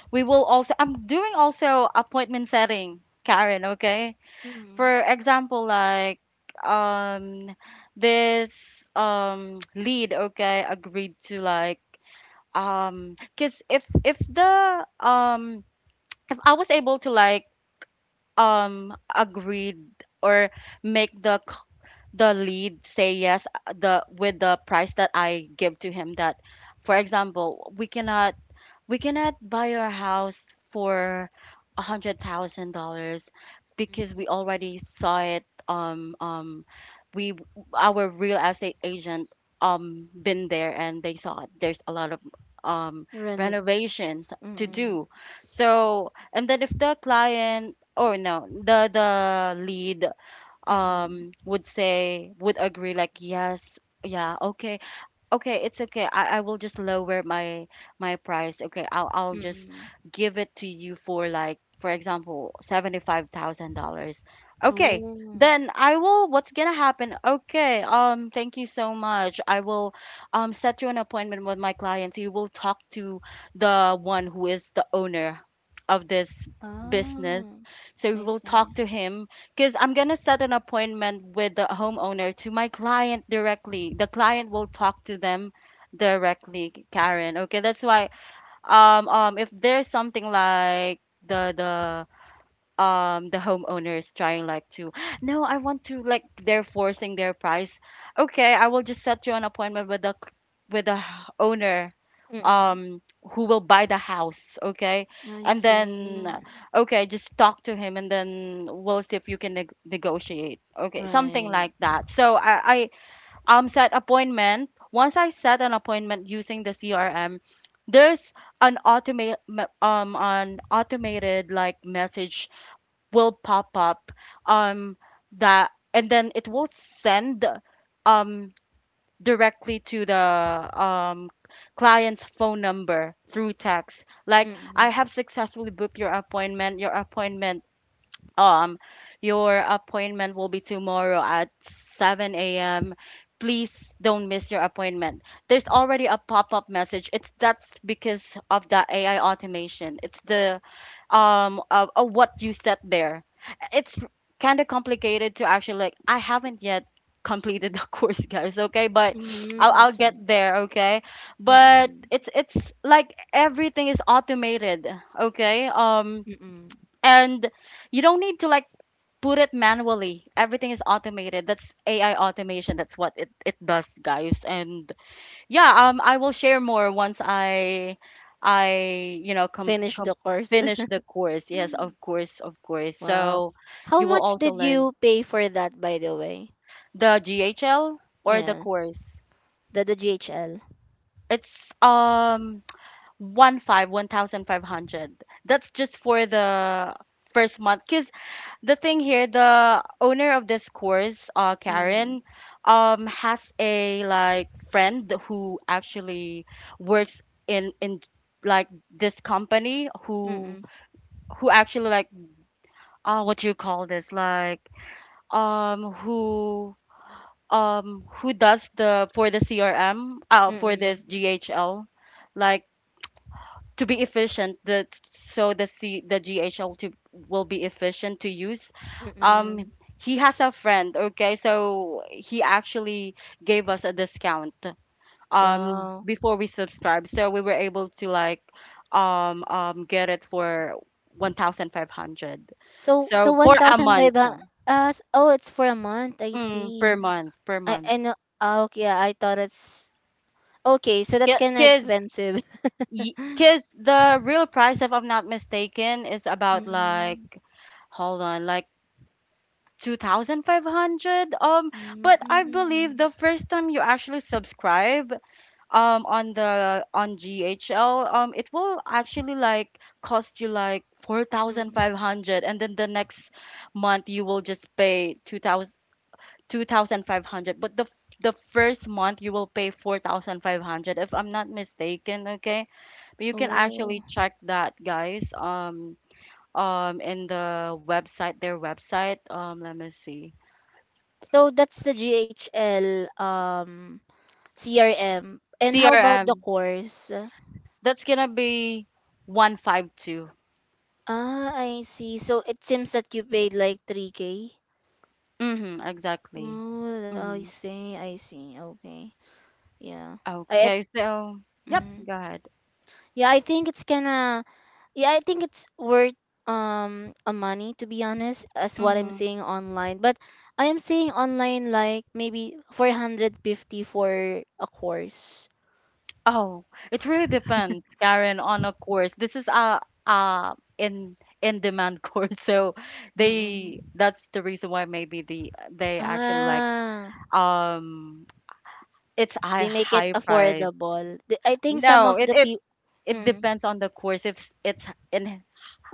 we will also, I'm doing also appointment setting, Karen, okay? Mm-hmm. For example, like um this <tsk> lead okay agreed to, like because if the if I was able to like agreed or make the the lead say yes, the with the price that I give to him that, for example, we cannot, we cannot buy our house for $100,000, because we already saw it. We, our real estate agent been there and they saw it. There's a lot of um renovations to Mm, do. So, and then if the client or no, the lead mm, would say, would agree like yes, yeah, okay. Okay, it's okay. I will just lower my my price. Okay, I'll just mm. give it to you for like, for example, $75,000. Okay, Oh. then I will, what's gonna happen? Okay, thank you so much. I will set you an appointment with my client. You will talk to the one who is the owner of this Ah, business. So you I will talk see. to him, because I'm going to set an appointment with the homeowner to my client directly. The client will talk to them directly, Karen. Okay, that's why if there's something like the the the homeowner is trying like to, no, I want to like, they're forcing their price. Okay, I will just set you an appointment with the with the owner Mm, um who will buy the house, okay? I And then, see. okay, just talk to him and then we'll see if you can negotiate, okay, something Right. like that. So I set appointment, once I set an appointment using the CRM, there's an automate an automated like message will pop up um that, and then it will send um directly to the um client's phone number through text, like, I Mm, have successfully booked your appointment. Your appointment um your appointment will be tomorrow at 7 a.m. Please don't miss your appointment. There's already a pop-up message. It's that's because of the AI automation. It's the of what you set there. It's kind of complicated to actually like, I haven't yet completed the <laughs> course, guys, okay, but mm, I I'll get see. there, okay. But Mm, it's like everything is automated, okay. Um, mm. and you don't need to like put it manually. Everything is automated. That's AI automation. That's what it does, guys. And yeah, I will share more once I, com, Finish com the course. finish the course. Yes, <laughs> of course, of course. Wow. So How you will much also did learn you pay for that, by the way? the GHL or the Yeah, course. the GHL. It's one thousand five hundred. That's just for the first month. Cause the thing here, the owner of this course, Mm, Karen, has a friend who actually works in like this company mm, who actually like what do you call this like um who who does the for the CRM for mm, this GHL like to be efficient the so the C, the GHL to will be efficient to use. um mm. he has a friend. Okay, so he actually gave us a discount Wow. before we subscribed, so we were able to get it for 1500, So, so so for a month. 1,500, oh, it's for a month. I Mm, per see. month, per I month. know. Ah, okay, yeah, I thought it's okay. So that's kind of Because expensive. <laughs> The real price, if I'm not mistaken, is about Mm, hold on, like 2500. Mm, But I believe mm, the first time you actually subscribe on the on ghl, it will actually like cost you like mm. 4500, and then the next month you will just pay 2000 2500. But the the first month you will pay 4500, if I'm not mistaken. Okay, but you can actually Oh, check that, guys. In their website. Let me see. so that's the GHL CRM. And how about the CRM. course? That's gonna be 152. Ah, I see. So it seems that you paid like 3K. Mm-hmm, exactly. Oh, I Mm-hmm. see. I see. Okay. Yeah. I, Okay, so yep, mm. go ahead. Yeah, I think it's gonna Yeah, I think it's worth a money to be honest, as what I'm Mm-hmm. seeing online. But I am seeing online like maybe 450 for a course. Oh, it really depends, Karen, on a course. This is a in demand <laughs> course, so Mm-mm. they that's the reason why maybe they actually like Ah, um it's a they make it high price. affordable. I think some No, of it the it people it mm, depends on the course. If it's in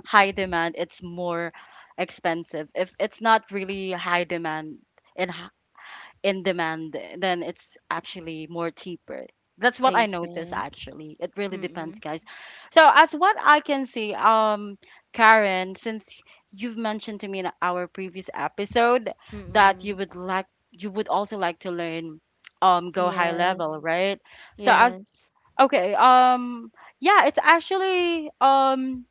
high demand, it's more expensive. If it's not really high demand in h- in demand, then it's actually more cheaper. That's what they I noticed say actually. It really depends, mm-mm, guys. So as what I can see, Karen, since you've mentioned to me in our previous episode that mm-mm, you would also like to learn go high yes, level, right? So as yes, okay, yeah, it's actually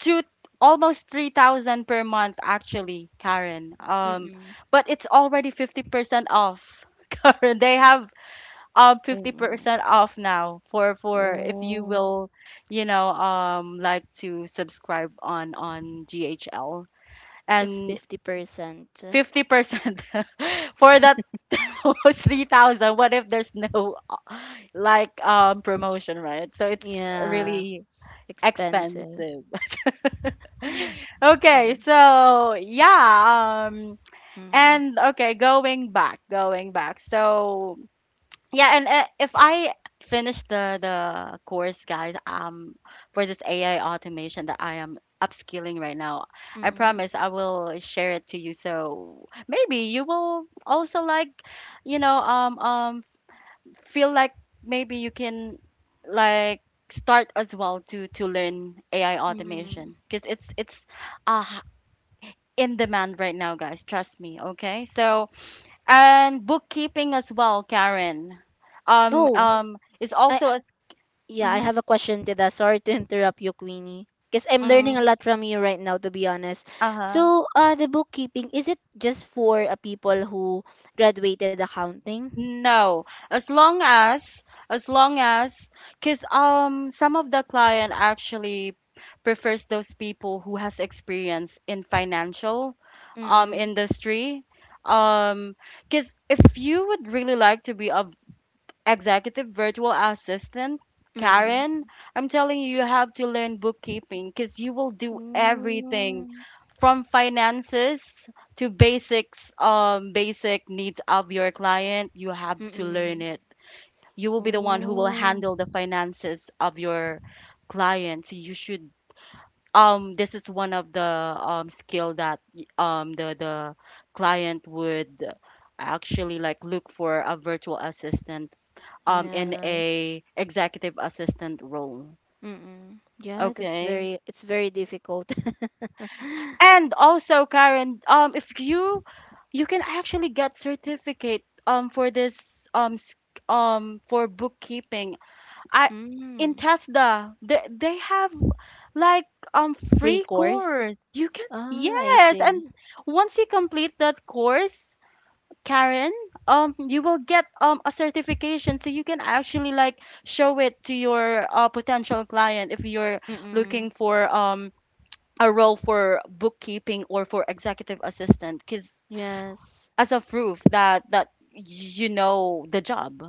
two almost 3000 per month actually, Karen. Mm-mm, But it's already 50% off <laughs> Karen. They have mm-mm. 50% off now for if you Oh, will like to subscribe on ghl, it's and 50%. 50% <laughs> for that almost 3000. What if there's no promotion, right? So it's Yeah, really expensive. expensive. Yeah. Okay, so yeah. Mm. and Okay, going back, So yeah. and If I finish the course, guys, for this AI automation that I am upskilling right now, I Mm, promise I will share it to you. So maybe you will also you know, um, um, feel like maybe you can like start as well to learn AI mm. automation, because it's uh, in demand right now, guys. Trust me. Okay. And bookkeeping as well, Karen. Oh, Is I also a. yeah, I Mm-hmm, have a question to that. Sorry to <laughs> interrupt you, Queenie. Because I'm learning a mm-hmm, lot from you right now, to be honest. uh-huh. So, the bookkeeping, is it just for people who graduated accounting? No, as long as, as long as, because some of the client actually prefers those people who has experience in financial Mm-mm. industry. Um, because if you would really like to be a executive virtual assistant, Mm-mm. Karen, I'm telling you, you have to learn bookkeeping, because you will do Oh. everything from finances to basics, basic needs of your client. You have to Mm-mm. learn it. You will be the one who Oh. will handle the finances of your client. So you should. This is one of the skill that the client would actually like look for a virtual assistant, in Yes. a executive assistant role. Mm-mm. Yeah, that's Okay. very, it's very difficult. <laughs> And also, Karen, if you you can actually get certificate for this for bookkeeping. I In mm. Tesla, they have like Free free course? course. You can, Ah, I yes, see. and once you complete that course, Karen, you will get a certification, so you can actually like show it to your potential client if you're Mm-mm. looking for a role for bookkeeping or for executive assistant, because Yes. as a proof that you know the job,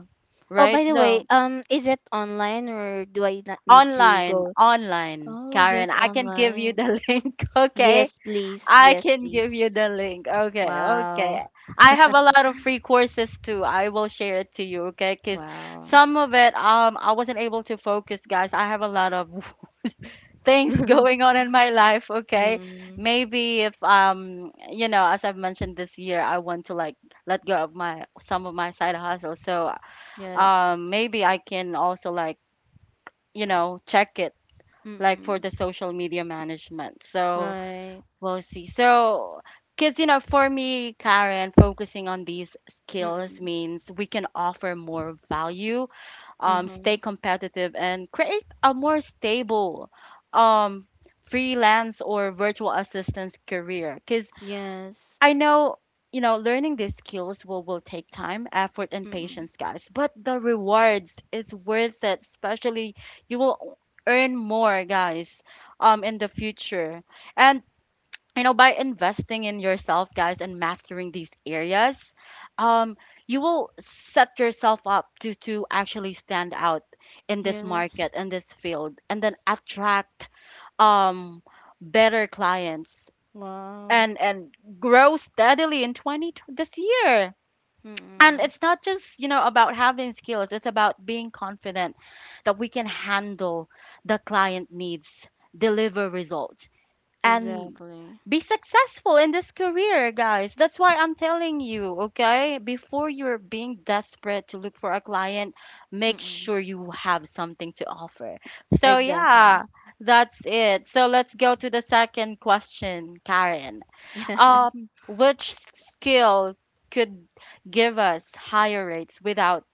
Oh, by right? the way, So is it online or do I not need to online, go? online, Oh, Karen, just I can give you online. the <laughs> link, Yes, okay? please. I Yes, can give you please. the link. Okay, okay. Wow. I have a lot of free courses too. I will share it to you, okay? Because Wow. some of it, I wasn't able to focus, guys. I have a lot of <laughs> things going <laughs> on in my life, okay? mm, Maybe if, you know, as I've mentioned this year, I want to like let go of my some of my side hustles. So, yes. Maybe I can also check it like for Mm-mm. the social media management. So. Right. We'll see. So, because, you know, for me, Karen, focusing on these skills Mm-mm. means we can offer more value, Mm-hmm. stay competitive, and create a more stable um, freelance or virtual assistance career. Because Yes. I know, you know, learning these skills will take time, effort, and Mm-mm. patience, guys. But the rewards is worth it, especially you will earn more, guys, in the future. And you know, by investing in yourself, guys, and mastering these areas, um you will set yourself up to actually stand out in this Yes. market, in this field, and then attract um better clients, Wow. and grow steadily in this year. And Mm-mm. it's not just, you know, about having skills, it's about being confident that we can handle the client needs, deliver results, and Exactly. be successful in this career, guys. That's why I'm telling you, okay? Before you're being desperate to look for a client, make Mm-mm. sure you have something to offer. So, Exactly. yeah, that's it. So, let's go to the second question, Karen. <laughs> Yes. Which skill could give us higher rates without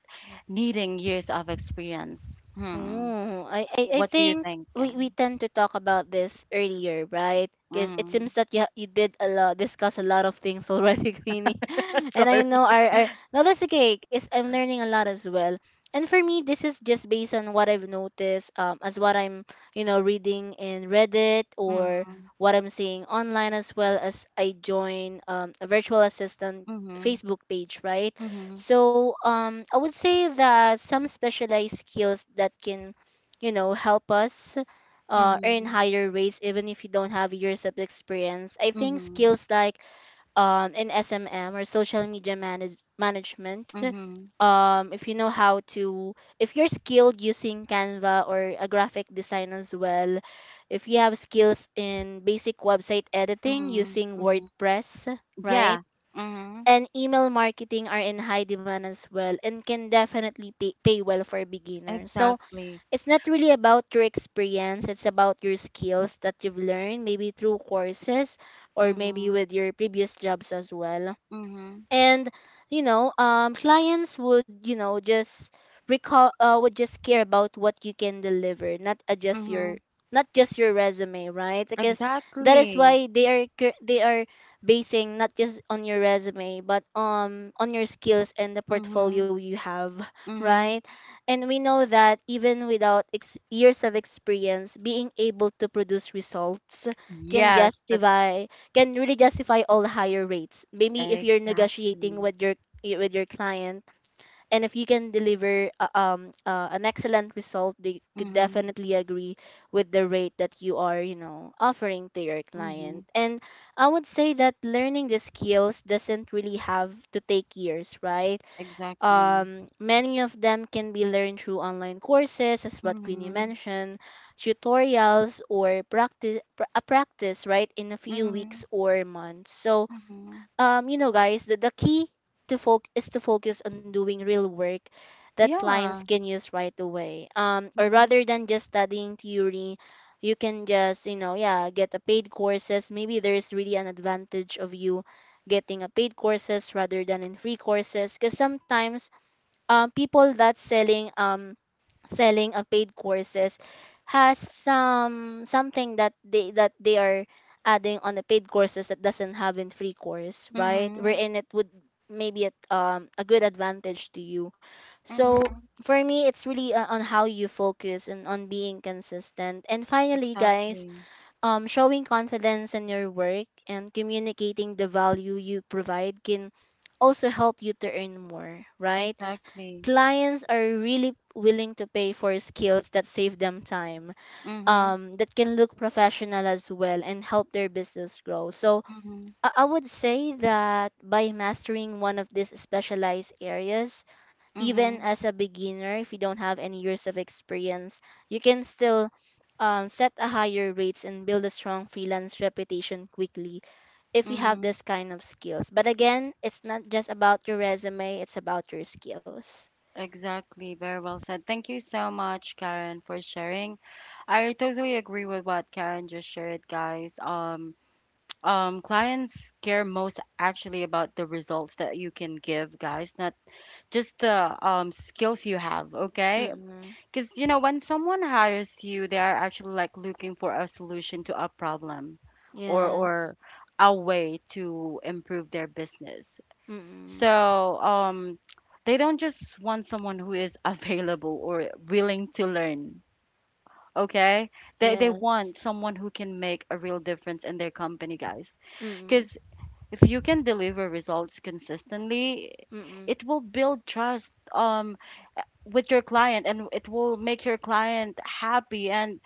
needing years of experience? Hmm. Oh, I What do you think think? We Ken? tend to talk about this earlier, right? Because it Mm-hmm. seems that you did a lot, discuss a lot of things already, <laughs> Queenie. <laughs> And I Sorry. know our no, that's okay. Cause I'm learning a lot as well. And for me, this is just based on what I've noticed, as what I'm you know reading in Reddit or Mm-hmm. what I'm seeing online, as well as I join a virtual assistant Facebook page, right? Mhm, So I would say that some specialized skills that can, you know, help us earn mhm, higher rates even if you don't have years of experience. I think mhm, skills like in SMM or social media management. mhm, If you know how to, if you're skilled using Canva or a graphic design as well, if you have skills in basic website editing mhm, using mhm. WordPress, Yeah. right? Mhm. And email marketing are in high demand as well and can definitely pay well for beginners. So Exactly. it's not really about your experience, it's about your skills that you've learned, maybe through courses or maybe Mhm, with your previous jobs as well. mhm, And you know clients would you know just recall would just care about what you can deliver, mhm. not just your resume, right? Because that is Exactly. why they are basing not just on your resume but on your skills and the portfolio Mhm, you have. <laughs> Right? mhm. And we know that even without years of experience, being able to produce results can Yes, that's justify can really justify all higher rates. Maybe if you're negotiating exactly. With your client, and if you can deliver an excellent result, they could Mhm, definitely agree with the rate that you are you know offering to your client. mhm. And I would say that learning the skills doesn't really have to take years, right? Exactly. Many of them can be learned through online courses, as what queenie Mhm, mentioned, tutorials or practice a practice, right? In a few weeks mhm, or months. So mhm. You know, guys, the key to foc is to focus on doing real work that clients Yeah. can use right away. Or Mhm, rather than just studying theory, you can just, you know, yeah, get a paid courses. Maybe there's really an advantage of you getting a paid courses rather than in free courses, because sometimes people that's selling a paid courses has something that they are adding on the paid courses that doesn't have in free course, right? mhm, Wherein it would maybe at a good advantage to you. So mhm. for me it's really on how you focus and on being consistent. And finally, guys, Exactly. Showing confidence in your work and communicating the value you provide can also help you to earn more, right? Exactly. Clients are really willing to pay for skills that save them time, Mhm, that can look professional as well and help their business grow. So mhm, I would say that by mastering one of these specialized areas, even mhm, as a beginner, if you don't have any years of experience, you can still set a higher rates and build a strong freelance reputation quickly if you have mhm. this kind of skills. But again, it's not just about your resume, it's about your skills. Exactly. Very well said. Thank you so much, Karen, for sharing. I totally agree with what Karen just shared, guys. Clients care most actually about the results that you can give, guys, not just the skills you have, okay? Mm. Because you know, when someone hires you, they are actually like looking for a solution to a problem, or Yes. or a way to improve their business. Mm-mm. So they don't just want someone who is <laughs> available or willing to learn. Okay, they Yes. want someone who can make a real difference in their company, guys. Mm-mm. Because if you can deliver results consistently, Mm-mm. it will build trust with your client, and it will make your client happy, and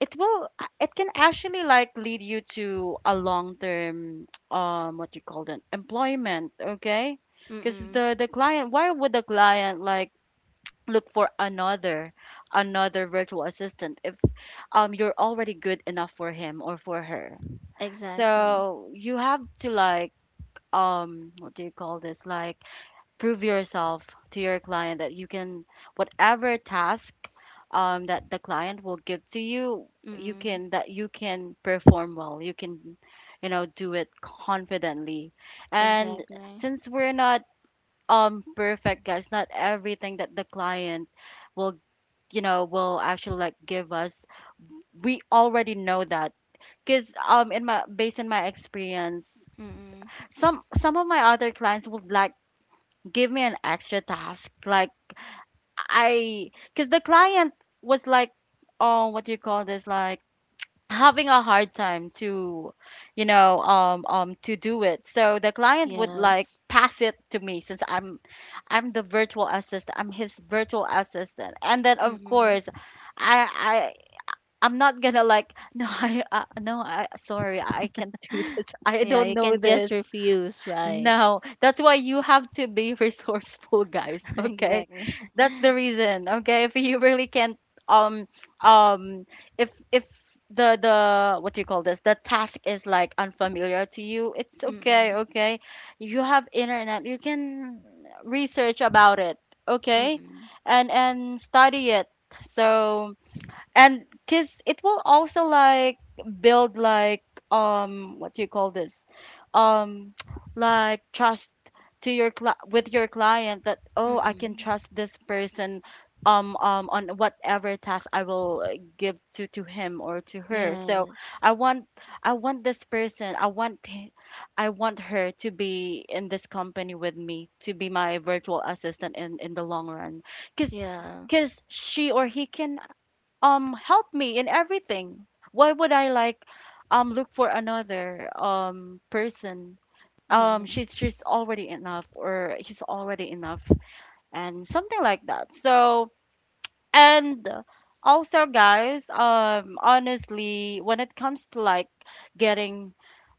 it can actually like lead you to a long term <tsk> what you call that employment. Okay, because Mm-mm. the client, why would the client like look for another virtual assistant if you're already good enough for him or for her. Exactly. So you have to like what do you call this like prove yourself to your client that you can whatever task, that the client will give to you, you Mm-mm. can, that you can perform well, you can, you know, do it confidently. And Exactly. since we're not perfect, guys, not everything that the client will, you know, will actually like give us, we already know that. Because in my based on my experience, Mm-mm. Some of my other clients would like give me an extra task, like I because the client was like, oh, what do you call this? Like having a hard time to, you know, to do it. So the client would like Yes. pass it to me since I'm the virtual assistant. I'm his virtual assistant, and then of Mm-mm. course, I, I. I'm not gonna like <laughs> no I no I sorry I can't do this <gasps> I Yeah, don't you know can just this. refuse, right? No, that's why you have to be <laughs> resourceful, guys. <laughs> Okay, Exactly. that's <laughs> the reason. Okay, if you really can't, um, um, if the what do you call this? The task is like unfamiliar to you. It's okay. Mm-mm. Okay, you have internet. You can research about it. Okay, Mm-mm. and study it. So, and because it will also like build like what do you call this um <tsk> like trust to your with your client, that oh, I can Mm-mm. trust this person on whatever task I will give to him or to her. So Yes. I want, I want this person, I want I want her to be in this company with me, to be my virtual assistant in the long run, because Yeah. She or he can help me in everything. Why would I like look for another person? Mm-mm. She's already enough, or he's already enough, and something like that. So and also, guys, honestly when it comes to like getting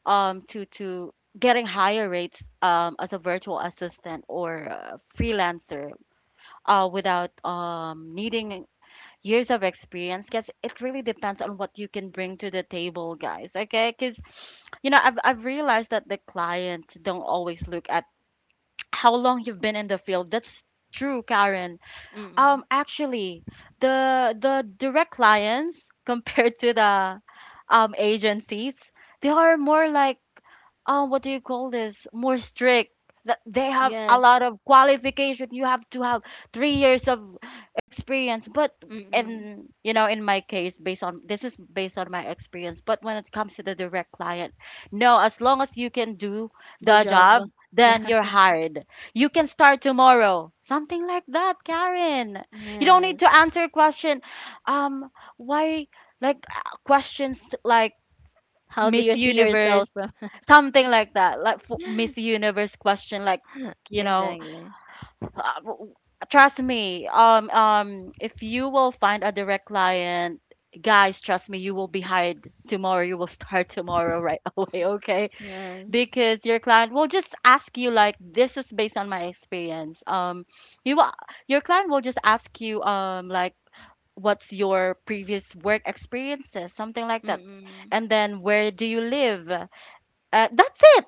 to getting higher rates as a virtual assistant or a freelancer, without needing years of experience, because it really depends on what you can bring to the table, guys, okay? Because you know, I've realized that the clients don't always look at how long you've been in the field. That's true, Karen. Mm-mm. Actually The direct clients <laughs> compared to the agencies, they are more like what do you call this more strict, that they have a Yes. lot of qualification. You have to have 3 years of experience. But Mm-mm. in you know, in my case, based on, this is based on my experience, but when it comes to the direct client, no, as long as you can do The the job. job, then Yeah. you're hired, you can start tomorrow, something like that, Karen. <laughs> You don't Yes. need to answer a question, um why like questions like How do Miss you see yourself? Universe, something like that, like for Miss <laughs> Universe question, like you know, Exactly. uh, w- trust me. If you will find a direct client, guys, trust me, you will be hired tomorrow, you will start tomorrow right <laughs> away, okay? Yes. Because your client will just ask you, like, this is based on my experience, you will, your client will just ask you like, what's your previous work experiences, something like that, Mm-mm. and then where do you live, that's it.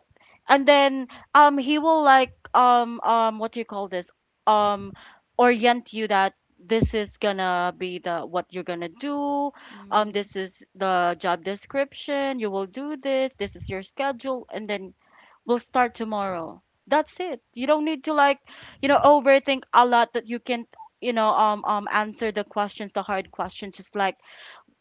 And then he will like what do you call this um orient you, that this is gonna be the what you're gonna do. Mm. This is the job description, you will do this, this is your schedule, and then we'll start tomorrow. That's it. You don't need to like, you know, overthink a lot that you can you know answer the questions, the hard questions, just like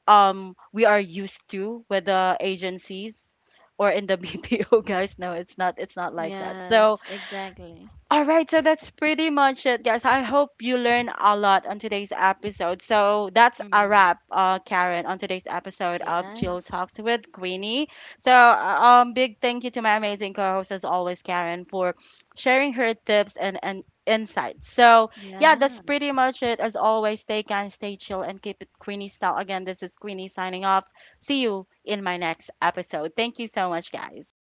we are used to with the agencies, or in the <laughs> BPO, guys. No, it's not, it's not like that. So Yes, exactly. all right, so that's pretty much it, guys. I hope you learn a lot on today's episode. So that's a Mm. wrap, Karen, on today's episode of Jill Yes. Talked with Queenie. So, big thank you to my amazing co-host as always, Karen, for sharing her tips and insights. So, yeah, Yeah. that's pretty much it. As always, stay kind, stay chill, and keep it Queenie style. Again, this is Queenie signing off. See you in my next episode. Thank you so much, guys.